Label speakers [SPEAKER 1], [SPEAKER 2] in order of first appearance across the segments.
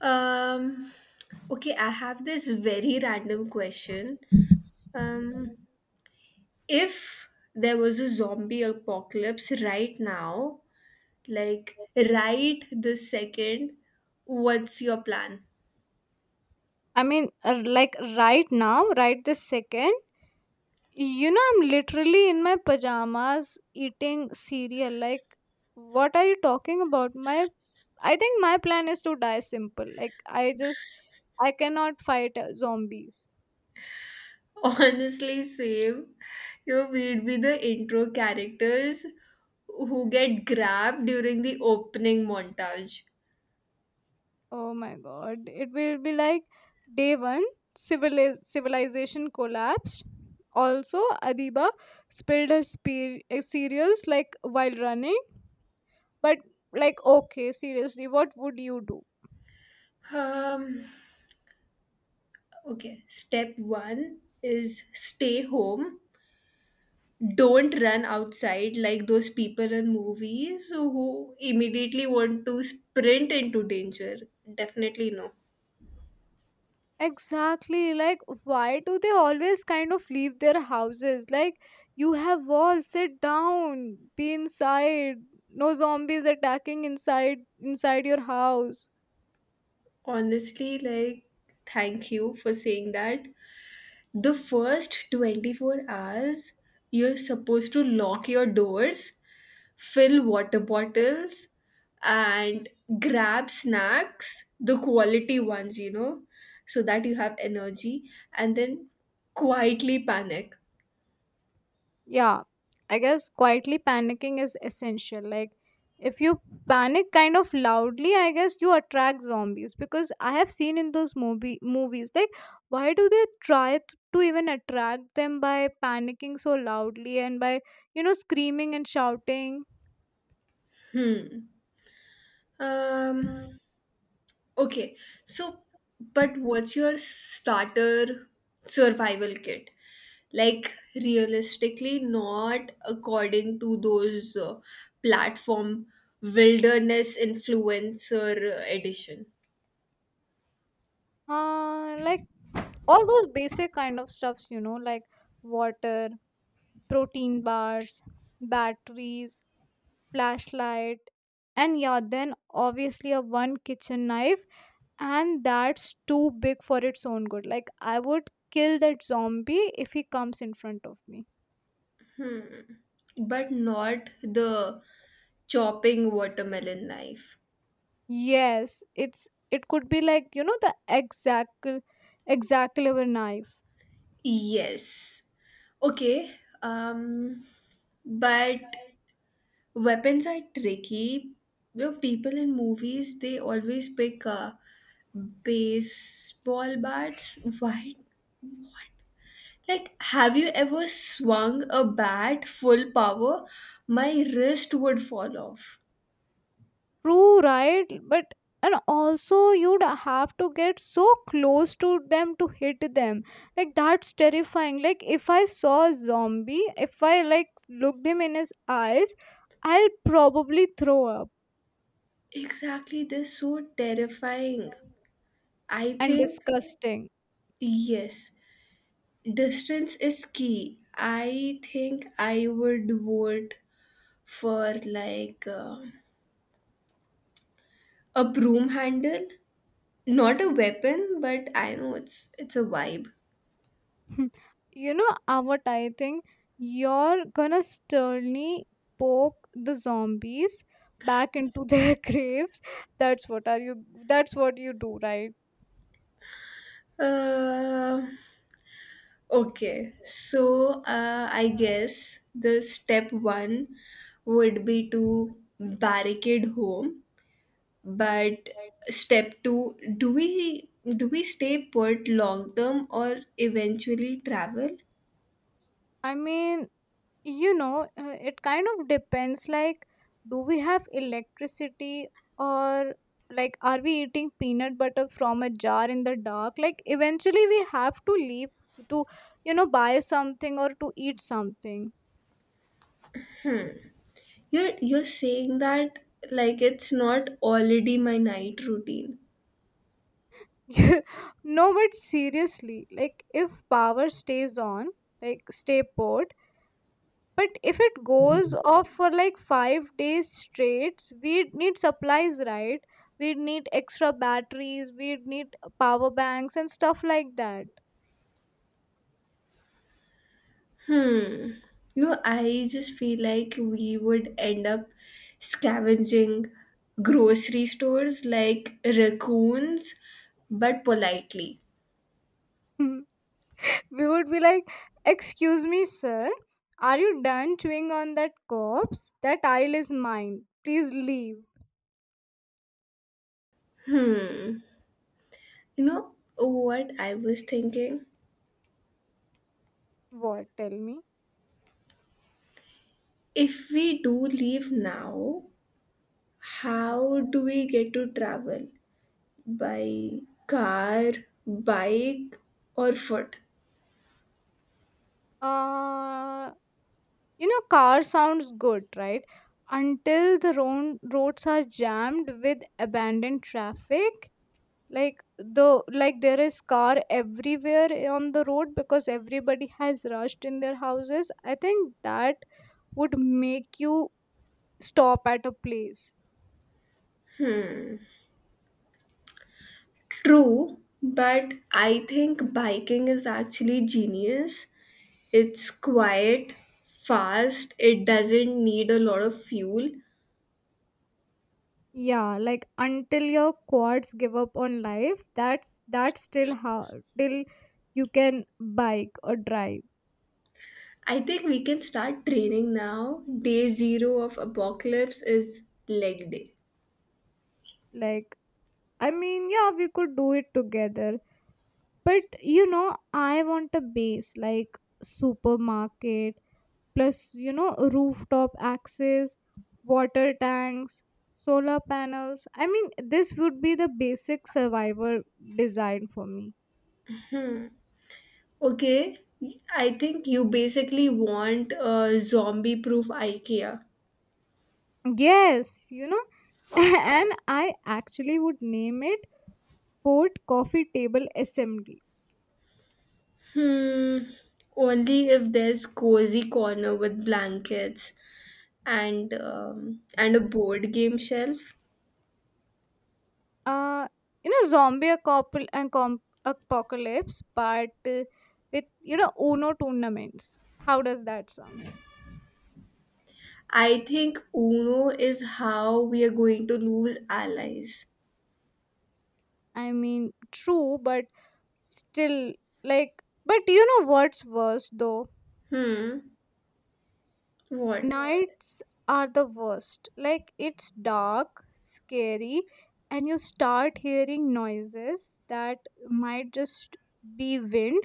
[SPEAKER 1] Um, okay, I have this very random question. Um, if there was a zombie apocalypse right now, like right this second, what's your plan?
[SPEAKER 2] I mean, like right now, right this second, you know, I'm literally in my pajamas eating cereal. Like, what are you talking about? I think my plan is to die simple. I cannot fight zombies.
[SPEAKER 1] Honestly, same. You know, we'd be the intro characters who get grabbed during the opening montage.
[SPEAKER 2] Oh my god. It will be like day one civilization collapsed. Also, Adiba spilled her cereals like while running. But, like, okay, seriously, what would you do?
[SPEAKER 1] Um, okay, step one is stay home, don't run outside like those people in movies who immediately want to sprint into danger. Definitely no.
[SPEAKER 2] Exactly. Like, why do they always kind of leave their houses? Like, you have walls, sit down, be inside. No zombies attacking inside your house.
[SPEAKER 1] Honestly, like, thank you for saying that. The
[SPEAKER 2] The
[SPEAKER 1] first
[SPEAKER 2] first word
[SPEAKER 1] 24 hours,
[SPEAKER 2] is
[SPEAKER 1] you're
[SPEAKER 2] you're
[SPEAKER 1] supposed to
[SPEAKER 2] supposed to
[SPEAKER 1] lock your
[SPEAKER 2] walk
[SPEAKER 1] doors,
[SPEAKER 2] first,
[SPEAKER 1] fill
[SPEAKER 2] fill
[SPEAKER 1] water
[SPEAKER 2] water
[SPEAKER 1] bottles,
[SPEAKER 2] particles
[SPEAKER 1] and
[SPEAKER 2] and
[SPEAKER 1] grab snacks,
[SPEAKER 2] grasp
[SPEAKER 1] the
[SPEAKER 2] the
[SPEAKER 1] quality
[SPEAKER 2] quality
[SPEAKER 1] ones, you know, so that you have
[SPEAKER 2] of it.
[SPEAKER 1] energy, and then quietly panic.
[SPEAKER 2] Yeah, I guess quietly panicking is essential. Like, if you panic kind of loudly, I guess you attract zombies because I have seen in those movies. Like, why do they try to even attract them by panicking so loudly and by you know screaming and shouting?
[SPEAKER 1] Hmm. Um, okay. So, but what's your starter survival kit? Like, realistically, not according to those platform wilderness influencer edition,
[SPEAKER 2] Like all those basic kind of stuffs, you know, like water, protein bars, batteries, flashlight, and yeah, then obviously a one kitchen knife, and that's too big for its own good. Like I would kill that zombie if he comes in front of me.
[SPEAKER 1] but not the chopping watermelon knife.
[SPEAKER 2] Yes, it could be like you know the exact knife.
[SPEAKER 1] Yes. Okay. Um, but weapons are tricky. You know, people in movies they always pick baseball bats. Why not? Like, have you ever swung a bat full power? My wrist would fall off.
[SPEAKER 2] True, right? But and also you'd have to get so close to them to hit them. Like that's terrifying. Like if I saw a zombie, if I like looked him in his eyes, I'll probably throw up
[SPEAKER 1] Exactly, they're so terrifying. I
[SPEAKER 2] and
[SPEAKER 1] think,
[SPEAKER 2] disgusting.
[SPEAKER 1] yes, distance is key. I think I would vote for like a broom handle. Not a weapon, but I know it's a vibe.
[SPEAKER 2] You know what I think, you're gonna sternly poke the zombies back into their graves. That's what are you that's what you do, right?
[SPEAKER 1] Uh, okay, so I guess the step one would be to barricade home, but step two, do we stay put long term or eventually travel?
[SPEAKER 2] I mean, you know it kind of depends. Like, do we have electricity? Or like, are we eating peanut butter from a jar in the dark? Like eventually we have to leave to you know buy something or to eat something.
[SPEAKER 1] You're saying that like it's not already my night routine.
[SPEAKER 2] No, but seriously, like if power stays on, like stay put. But if it goes off for like 5 days straight, we need supplies, right? We need extra batteries, we need power banks and stuff like that.
[SPEAKER 1] Hmm. You know, I just feel like we would end up scavenging grocery stores like raccoons, but politely.
[SPEAKER 2] We would be like, excuse me sir, are you done chewing on that corpse? That aisle is mine, please leave.
[SPEAKER 1] Hmm. You know what I was thinking?
[SPEAKER 2] What? Tell me.
[SPEAKER 1] If we do leave now, how do we get to travel? By car, bike, or foot?
[SPEAKER 2] uh you know, car sounds good, right? Until the roads are jammed with abandoned traffic. Like there is car everywhere on the road because everybody has rushed in their houses. I think that would make you stop at a place.
[SPEAKER 1] True, but I think biking is actually genius. It's quiet, fast, it doesn't need a lot of fuel.
[SPEAKER 2] Yeah, like until your quads give up on life. That's still how, till you can bike or drive.
[SPEAKER 1] I think we can start training now. Day zero of apocalypse is leg day.
[SPEAKER 2] Like, I mean yeah, we could do it together, but you know I want a base like supermarket plus you know rooftop access, water tanks, solar panels. I mean, this would be the basic survivor design for me.
[SPEAKER 1] Okay, I think you basically want a zombie proof IKEA.
[SPEAKER 2] Yes, you know, and I actually would name it Fort Coffee Table Assembly.
[SPEAKER 1] Hmm, only if there's cozy corner with blankets and a board game shelf.
[SPEAKER 2] uh you know, zombie apocalypse, but uh, with you know Uno tournaments. How does that sound?
[SPEAKER 1] I think Uno is how we are going to lose allies.
[SPEAKER 2] I mean, true, but still, like, but you know what's worse though?
[SPEAKER 1] Hmm. What?
[SPEAKER 2] Nights are the worst. Like, it's dark, scary, and you start hearing noises that might just be wind,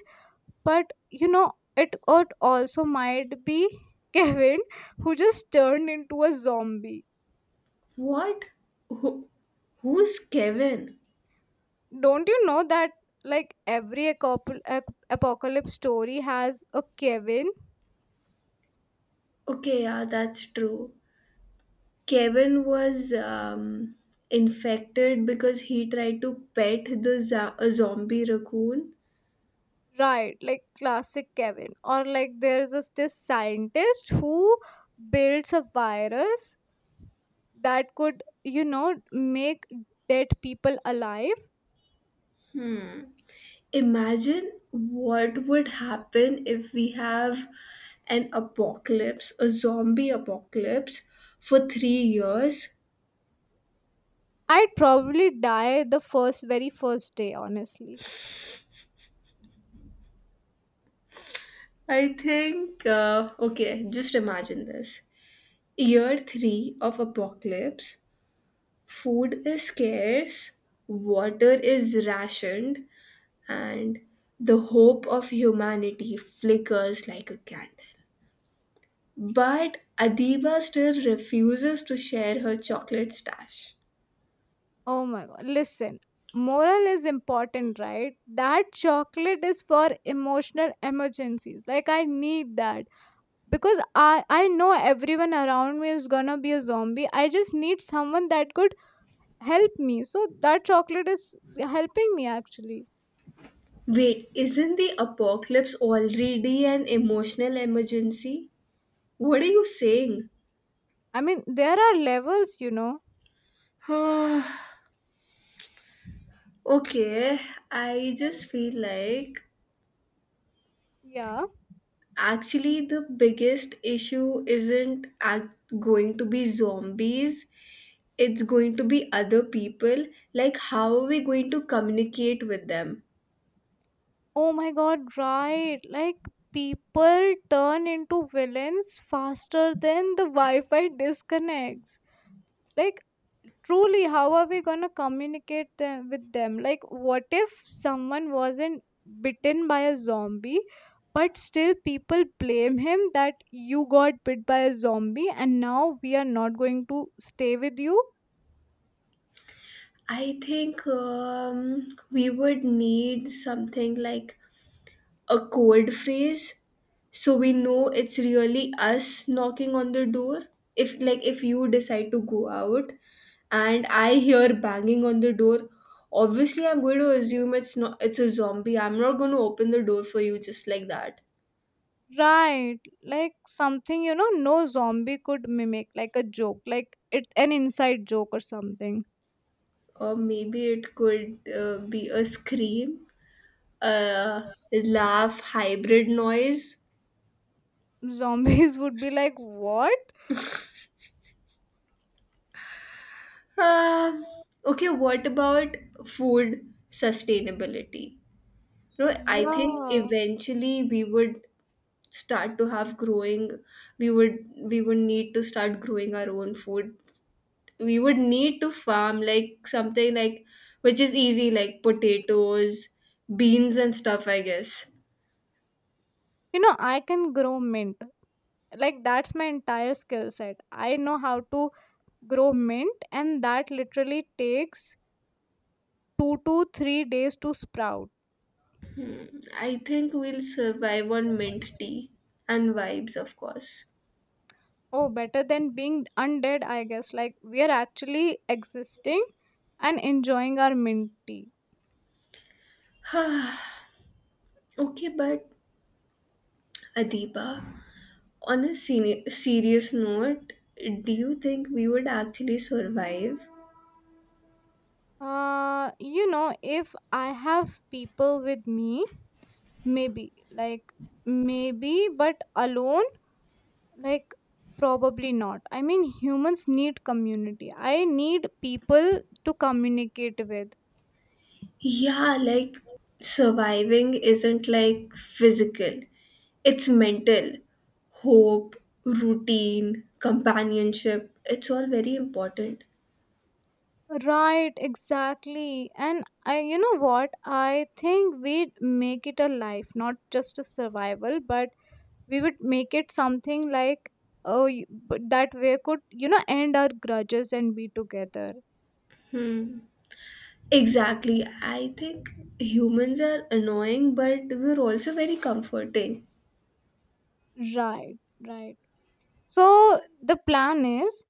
[SPEAKER 2] but you know, it could also might be Kevin who just turned into a zombie.
[SPEAKER 1] What? Who, who's Kevin?
[SPEAKER 2] Don't you know that, like, every apocalypse story has a Kevin?
[SPEAKER 1] Okay, yeah, that's true. Kevin was infected because he tried to pet the a zombie raccoon.
[SPEAKER 2] Right, like classic Kevin. Or like there's this scientist who builds a virus that could, you know, make dead people alive.
[SPEAKER 1] Imagine what would happen if we have an apocalypse, a zombie apocalypse for 3 years.
[SPEAKER 2] I'd probably die very first day, honestly.
[SPEAKER 1] I think, okay, just imagine this. Year three of apocalypse, food is scarce, water is rationed, and the hope of humanity flickers like a candle. But Adiba still refuses to share her chocolate stash.
[SPEAKER 2] Oh my god. Listen, moral is important, right? That chocolate is for emotional emergencies. Like I need that. Because I know everyone around me is gonna be a zombie. I just need someone that could help me, so that chocolate is helping me actually.
[SPEAKER 1] Wait, isn't the apocalypse already an emotional emergency? What are you saying?
[SPEAKER 2] I mean there are levels, you know.
[SPEAKER 1] Okay, I just feel like
[SPEAKER 2] Yeah.
[SPEAKER 1] actually the biggest issue isn't ac- going to be zombies, it's going to be other people. Like, how are we going to communicate with them?
[SPEAKER 2] Oh my god, right? Like people turn into villains faster than the wi-fi disconnects. Like truly, how are we gonna communicate them with them? Like what if someone wasn't bitten by a zombie, but still people blame him that you got bit by a zombie and now we are not going to stay with you.
[SPEAKER 1] I think we would need something like a code phrase so we know it's really us knocking on the door. If like, if you decide to go out and I hear banging on the door, obviously I'm going to assume it's a zombie. I'm not going to open the door for you just like that.
[SPEAKER 2] Right. Like something, you know, no zombie could mimic, like a joke, like it an inside joke or something.
[SPEAKER 1] Or maybe it could be a scream, a laugh hybrid noise.
[SPEAKER 2] Zombies would be like, what?
[SPEAKER 1] um okay, what about food sustainability? No, I think
[SPEAKER 2] Yeah.
[SPEAKER 1] eventually we would start to have growing we would need to start growing our own food. We would need to farm like something like which is easy, like potatoes, beans and stuff I guess.
[SPEAKER 2] You know, I can grow mint. Like that's my entire skill set. I know how to grow mint and that literally takes 2 to 3 days to sprout.
[SPEAKER 1] I think we'll survive on mint tea and vibes of course.
[SPEAKER 2] Oh, better than being undead, I guess. Like we are actually existing and enjoying our mint tea.
[SPEAKER 1] Okay, but Adiba, on a serious note, do you think we would actually survive?
[SPEAKER 2] You know, if I have people with me, maybe, like, maybe, but alone, like, probably not. I mean, humans need community. I need people to communicate with.
[SPEAKER 1] Yeah, like surviving isn't like physical, it's mental. Hope, routine, companionship, it's all very important.
[SPEAKER 2] Right, exactly. And I, you know what? I think we'd make it a life, not just a survival, but we would make it something like, oh, you- but that we could, you know, end our grudges and be together.
[SPEAKER 1] Exactly. I think humans are annoying, but we're also very comforting.
[SPEAKER 2] Right, right. So the plan is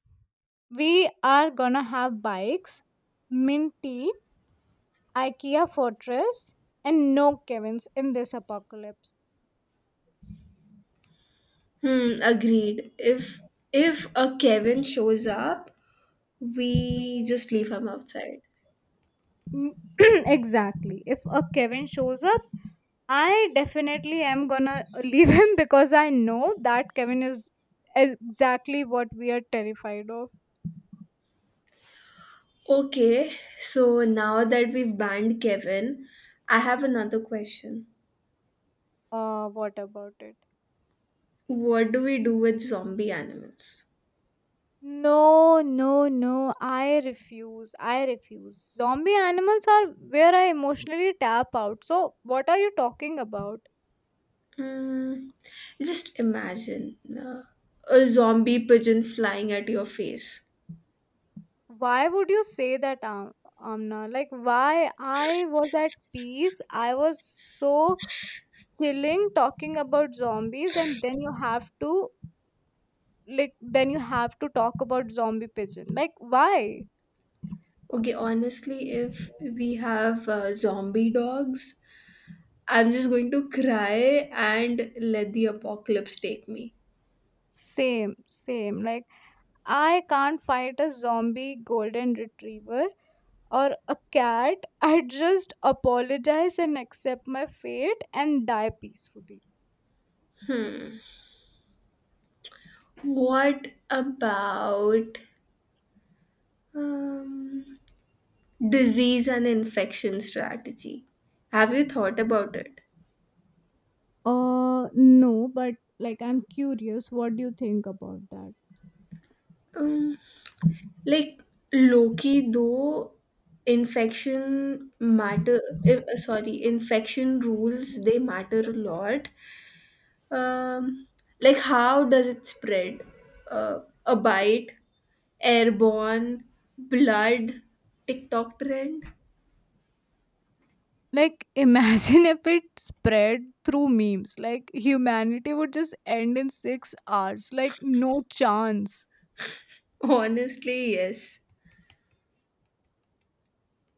[SPEAKER 2] we are gonna have bikes, mint tea, IKEA fortress, and no Kevin's in this apocalypse.
[SPEAKER 1] Hmm, agreed. If a Kevin shows up, we
[SPEAKER 2] We
[SPEAKER 1] just leave him outside.
[SPEAKER 2] Mm, exactly. If a Kevin shows up, I definitely am gonna leave him because I know that Kevin is exactly what we are terrified of.
[SPEAKER 1] Okay, so now that we've banned Kevin, I have another question.
[SPEAKER 2] What about it?
[SPEAKER 1] What do we do with zombie animals?
[SPEAKER 2] No, no, no. I refuse. I refuse. Zombie animals are where I emotionally tap out. So, what are you talking about?
[SPEAKER 1] Mm, just imagine a zombie pigeon flying at your face.
[SPEAKER 2] Why would you say that, Amna? Like, why I was at peace. I was so chilling talking about zombies, and then you have to, like, then you have to talk about zombie pigeon. Like, why?
[SPEAKER 1] Okay, honestly, if we have zombie dogs, I'm just going to cry and let the apocalypse take me.
[SPEAKER 2] Same, same. Like, I can't fight a zombie golden retriever or a cat. I just apologize and accept my fate and die peacefully.
[SPEAKER 1] What about um, disease and infection strategy? Have you thought about it?
[SPEAKER 2] No, but like I'm curious, what do you think about that?
[SPEAKER 1] Um, Like Loki, though infection rules they matter a lot. Um, like how does it spread? Uh, a bite, airborne, blood, TikTok trend.
[SPEAKER 2] Like, imagine if it spread through memes. Like, humanity would just end in 6 hours. Like, no chance.
[SPEAKER 1] Honestly, yes.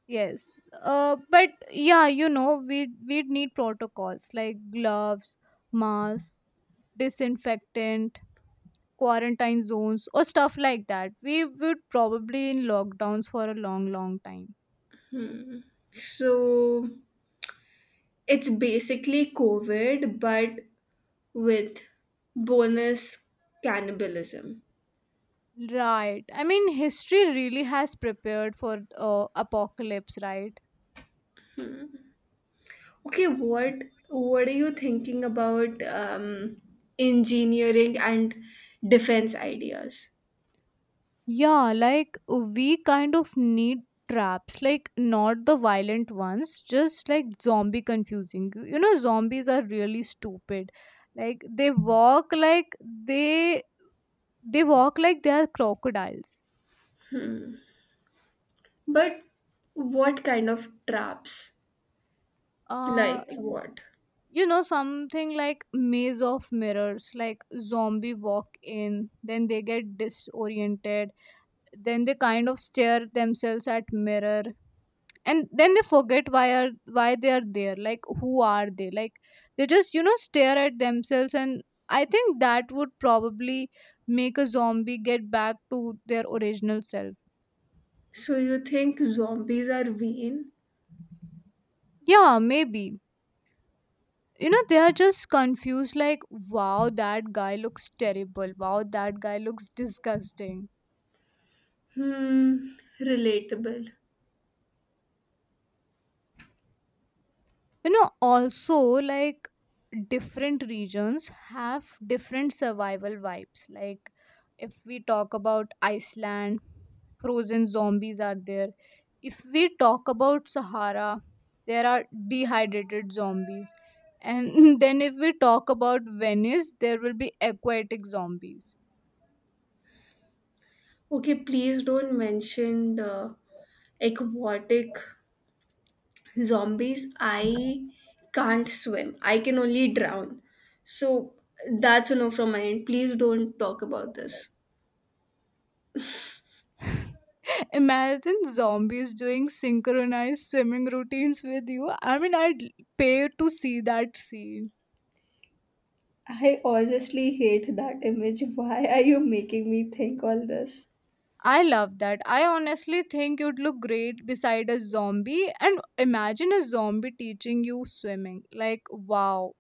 [SPEAKER 2] Yes. But yeah, you know, we'd need protocols like gloves, masks, disinfectant, quarantine zones or stuff like that. We would probably in lockdowns for a long, long time.
[SPEAKER 1] So it's basically COVID, but with bonus cannibalism.
[SPEAKER 2] Right, I mean history really has prepared for apocalypse, right?
[SPEAKER 1] Okay, what are you thinking about engineering and defense ideas?
[SPEAKER 2] Yeah, like we kind of need traps, like not the violent ones, just like zombie confusing you. You know zombies are really stupid. Like they walk like they they walk like they are crocodiles.
[SPEAKER 1] But what kind of traps?
[SPEAKER 2] uh
[SPEAKER 1] Like
[SPEAKER 2] y-
[SPEAKER 1] what?
[SPEAKER 2] you know, something like maze of mirrors, like zombie walk in, then they get disoriented, then they kind of stare themselves at mirror, and then they forget why are why they are there, like who are they, like they just you know stare at themselves, and I think that would probably make a zombie get back to their original self.
[SPEAKER 1] So you think zombies are vain?
[SPEAKER 2] Yeah, maybe. You know, they are just confused, like wow that guy looks terrible, wow that guy looks disgusting.
[SPEAKER 1] Hmm, relatable.
[SPEAKER 2] You know also, like different regions have different survival vibes. Like, if we talk about Iceland, frozen zombies are there. If we talk about Sahara, there are dehydrated zombies, and then if we talk about Venice, there will be aquatic zombies.
[SPEAKER 1] Okay, please don't mention the aquatic zombies. I can't swim. I can only drown. So that's a no from my end. Please don't talk about this.
[SPEAKER 2] Imagine zombies doing synchronized swimming routines with you. I mean, I'd pay to see that scene.
[SPEAKER 1] I honestly hate that image. Why are you making me think all this?
[SPEAKER 2] I love that. I honestly think you'd look great beside a zombie. And imagine a zombie teaching you swimming. Like, wow.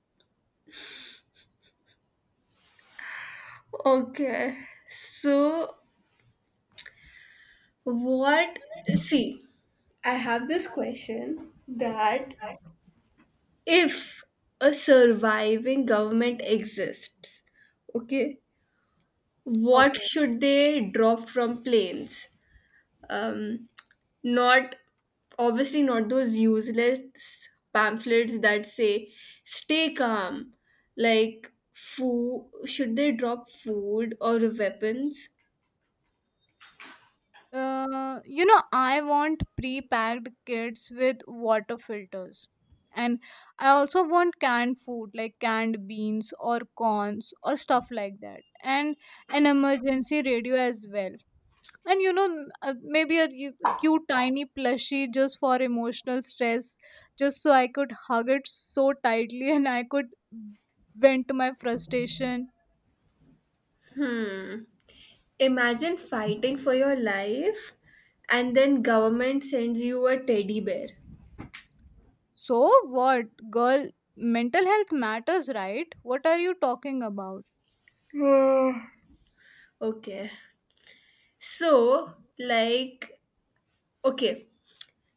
[SPEAKER 1] Okay, so what? See, I have this question that if a surviving government exists, okay, what
[SPEAKER 2] Okay.
[SPEAKER 1] should they drop from planes? um, not obviously not those useless pamphlets that say stay calm. Like food, should they drop food or weapons?
[SPEAKER 2] You know, I want pre packed kits with water filters. And I also want canned food, like canned beans or corns or stuff like that. And an emergency radio as well. And you know maybe a cute tiny plushie just for emotional stress, just so I could hug it so tightly and I could vent my frustration.
[SPEAKER 1] Hmm, imagine fighting for your life and then government sends you a teddy bear.
[SPEAKER 2] So what, girl, mental health matters, right? What are you talking about?
[SPEAKER 1] Ah. Okay, so, like, okay,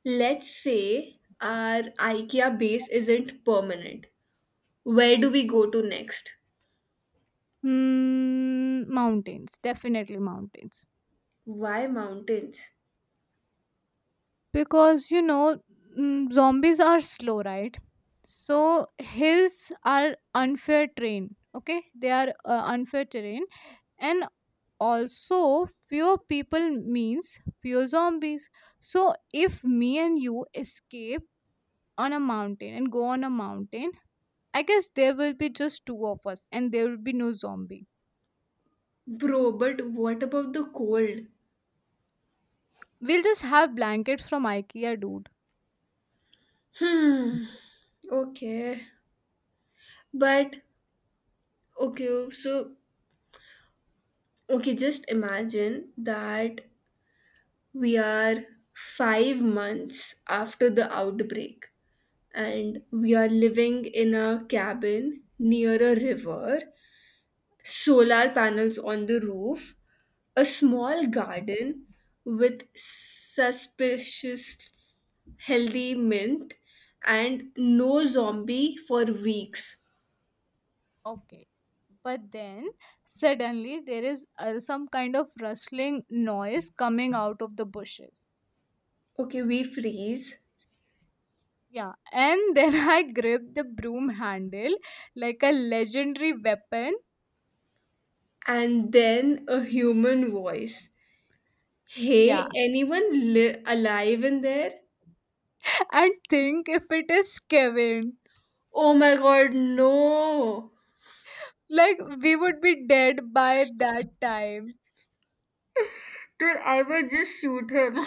[SPEAKER 1] let's say our IKEA base isn't permanent. Where do we go to next?
[SPEAKER 2] Hmm, mountains, definitely mountains.
[SPEAKER 1] Why mountains?
[SPEAKER 2] Because you know, mm, zombies are slow, right? So hills are unfair terrain. Okay, they are unfair terrain, and also fewer people means fewer zombies. So if me and you escape on a mountain and go on a mountain, I guess there will be just two of us and there will be no zombie.
[SPEAKER 1] Bro, but what about the cold?
[SPEAKER 2] We'll just have blankets from IKEA, dude.
[SPEAKER 1] Hmm. Okay. But okay, so Okay, just imagine that we are 5 months after the outbreak and we are living in a cabin near a river, solar panels on the roof, a small garden with suspicious healthy mint, and no zombie for weeks.
[SPEAKER 2] Okay, but then suddenly there is some kind of rustling noise coming out of the bushes.
[SPEAKER 1] Okay, we freeze.
[SPEAKER 2] Yeah, and then I grip the broom handle like a legendary weapon.
[SPEAKER 1] And then a human voice.
[SPEAKER 2] Yeah.
[SPEAKER 1] Hey, anyone alive in there?
[SPEAKER 2] And think if it is Kevin.
[SPEAKER 1] Oh my god, no!
[SPEAKER 2] Like, we would be dead by that time.
[SPEAKER 1] Dude, I will just shoot him.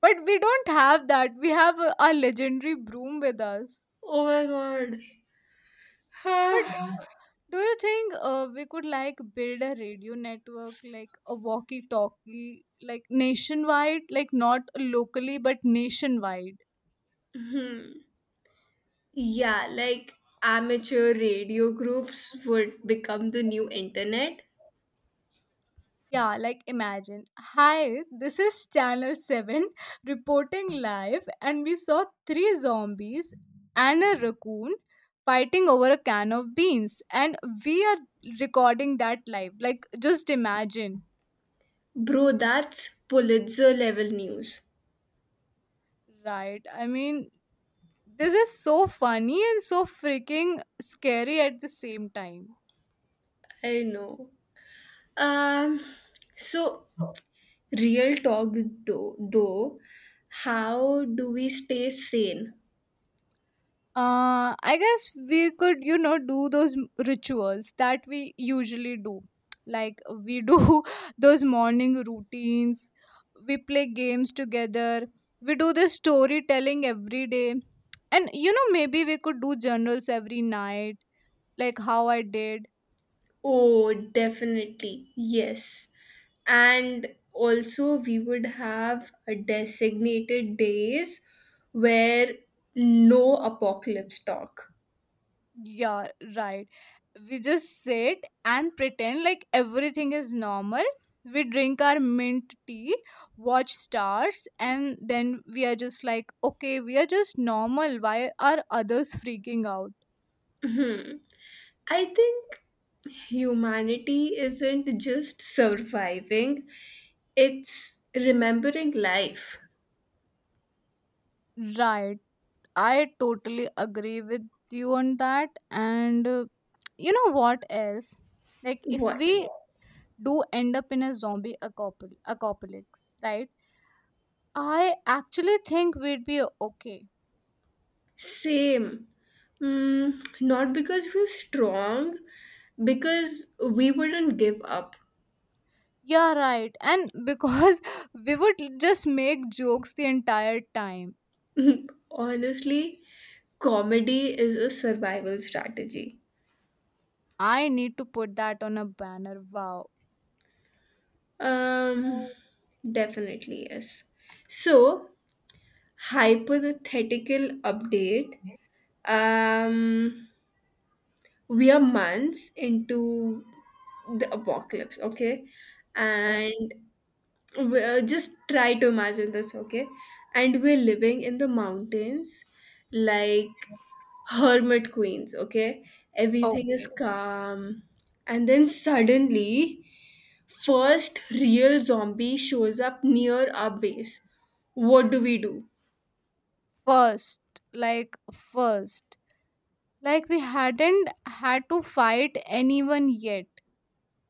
[SPEAKER 2] But we don't have that. We have our legendary broom with us.
[SPEAKER 1] Oh my god.
[SPEAKER 2] But do you think we could like build a radio network, like a walkie talkie, like nationwide? Like, not locally, but nationwide?
[SPEAKER 1] Hmm. Yeah, like amateur radio groups would become the new internet.
[SPEAKER 2] Yeah, like imagine. Hi, this is Channel 7 reporting live, and we saw three zombies and a raccoon fighting over a can of beans, and we are recording that live. Like, just imagine.
[SPEAKER 1] Bro, that's Pulitzer level news.
[SPEAKER 2] Right. I mean, this is so funny and so freaking scary at the same time.
[SPEAKER 1] I know. Um, so real talk though, how do we stay sane?
[SPEAKER 2] I guess we could you know do those rituals that we usually do, like we do those morning routines, we play games together, we do this storytelling every day, and you know maybe we could do journals every night, like how I did.
[SPEAKER 1] Oh, definitely, yes. And also, we would have a designated days where no apocalypse talk.
[SPEAKER 2] Yeah, right. We just sit and pretend like everything is normal. We drink our mint tea, watch stars, and then we are just like, okay, we are just normal. Why are others freaking out?
[SPEAKER 1] I think humanity isn't just surviving, it's remembering life.
[SPEAKER 2] Right. I totally agree with you on that. And you know what else? Like, if
[SPEAKER 1] What?
[SPEAKER 2] we do end up in a zombie apocalypse, right? I actually think we'd be okay.
[SPEAKER 1] Same. Mm, not because we're strong, because we wouldn't give up.
[SPEAKER 2] Yeah, right. And because we would just make jokes the entire time.
[SPEAKER 1] Honestly, comedy is a survival strategy.
[SPEAKER 2] I need to put that on a banner. Wow.
[SPEAKER 1] Um, definitely, yes. So, hypothetical update. Um, we are months into the apocalypse, okay,
[SPEAKER 2] O-
[SPEAKER 1] and we just try to imagine this, okay, and we're living in the mountains like hermit queens, okay, everything is
[SPEAKER 2] Okay.
[SPEAKER 1] calm, and then suddenly first real zombie shows up near our base. What do we do?
[SPEAKER 2] First, first, like we hadn't had to fight anyone yet.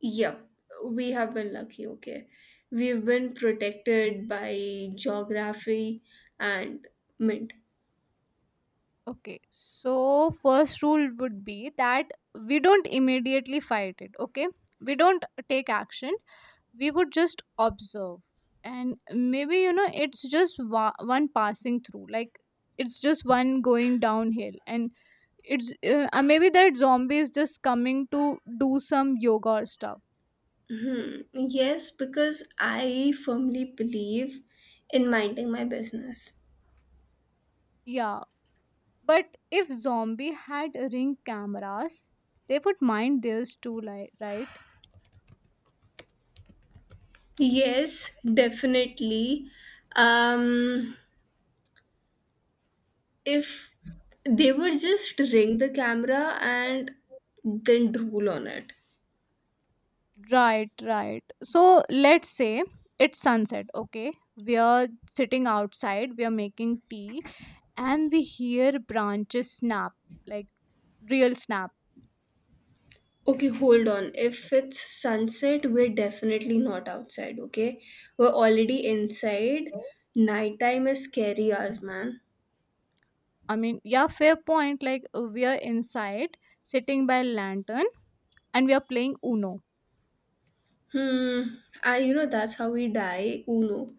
[SPEAKER 1] Yep, we have been lucky, okay. We've been protected by geography and mint.
[SPEAKER 2] Okay. So, first rule would be that we don't immediately fight it. Okay. We don't take action, we would just observe, and maybe you know it's just one passing through, like it's just one going downhill, and it's maybe that zombie is just coming to do some yoga or stuff.
[SPEAKER 1] Hmm. Yes, because I firmly believe in minding my business.
[SPEAKER 2] Yeah, but if zombie had ring cameras, they would mind theirs too, like right.
[SPEAKER 1] Yes, definitely. Um, if they would just ring the camera and then drool on it.
[SPEAKER 2] Right, right. So let's say it's sunset, okay? We are sitting outside, we are making tea, and we hear branches snap, like real snap.
[SPEAKER 1] Okay, hold on. If it's sunset, we're definitely not outside, okay? We're already inside. Nighttime is scary hours, man.
[SPEAKER 2] I mean yeah, fair point. Like we are inside sitting by lantern, and we are playing Uno.
[SPEAKER 1] Hmm. I, you know, that's how we die, Uno.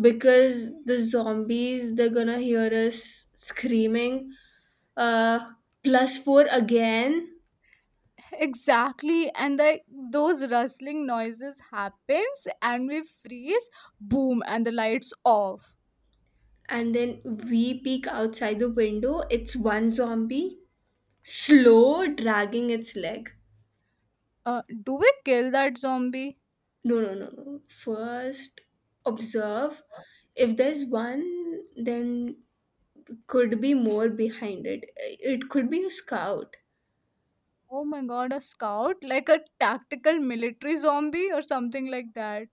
[SPEAKER 1] Because the zombies, they're gonna hear us screaming. Uh, plus four again.
[SPEAKER 2] Exactly, and the those rustling noises happens and we freeze, boom and the lights off.
[SPEAKER 1] And then we peek outside the window. It's one zombie, slow, dragging its leg.
[SPEAKER 2] Do we kill that zombie?
[SPEAKER 1] No, no, no, no. First, observe. If there's one, then could be more behind it. It could be a scout.
[SPEAKER 2] Oh my god, a scout, like a tactical military zombie or something like that.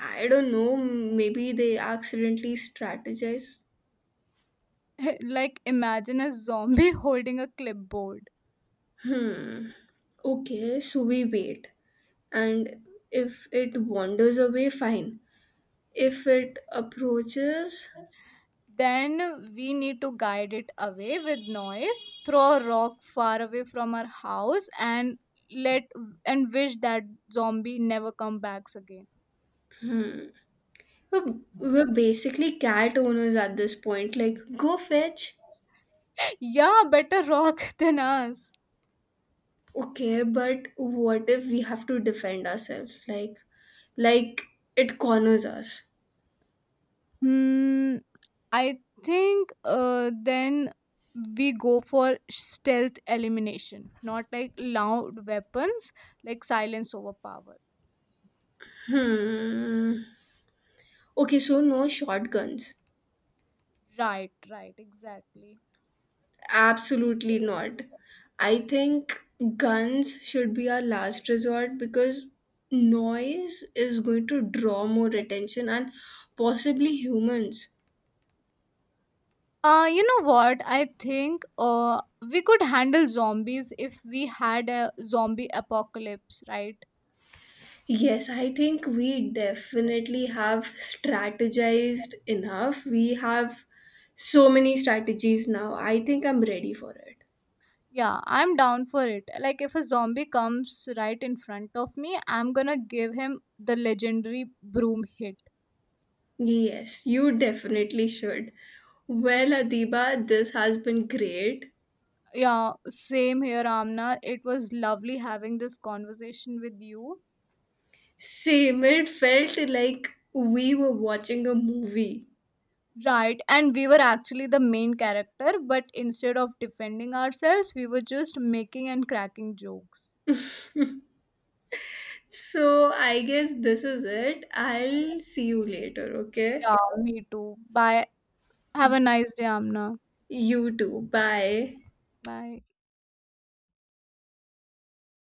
[SPEAKER 1] I don't know. Maybe they accidentally strategize.
[SPEAKER 2] Like imagine a zombie holding a clipboard.
[SPEAKER 1] Okay, so we wait. And if it wanders away, fine. If it approaches,
[SPEAKER 2] Then we need to guide it away with noise, throw a rock far away from our house and let and wish that zombie never come backs again.
[SPEAKER 1] we're basically cat owners at this point. Like, go fetch.
[SPEAKER 2] Yeah, better rock than us.
[SPEAKER 1] Okay, but what if we have to defend ourselves? Like it corners us.
[SPEAKER 2] Hmm, I think then we go for stealth elimination, not like loud weapons, like silence over power.
[SPEAKER 1] Hmm. Okay, so no shotguns.
[SPEAKER 2] Right, right, exactly.
[SPEAKER 1] Absolutely
[SPEAKER 2] So,
[SPEAKER 1] not. I think guns should be our last resort because noise is going to draw more attention and possibly humans.
[SPEAKER 2] You know what? I think we could handle zombies if we had a zombie apocalypse, right?
[SPEAKER 1] Yes, I think we definitely have strategized enough. We have so many strategies now. I think I'm ready for it.
[SPEAKER 2] Yeah, I'm down for it. Like, if a zombie comes right in front of me, I'm gonna give him the legendary broom hit.
[SPEAKER 1] Yes, you definitely should. Well, Adiba, this has been great.
[SPEAKER 2] Yeah, same here, Amna. It was lovely having this conversation with you.
[SPEAKER 1] Same, it felt like we were watching a movie.
[SPEAKER 2] Right, and we were actually the main character, but instead of defending ourselves, we were just making and cracking jokes.
[SPEAKER 1] So I guess this is it. I'll see you later, okay?
[SPEAKER 2] Yeah, me too. Bye. Have a nice day, Amna.
[SPEAKER 1] You too. Bye.
[SPEAKER 2] Bye.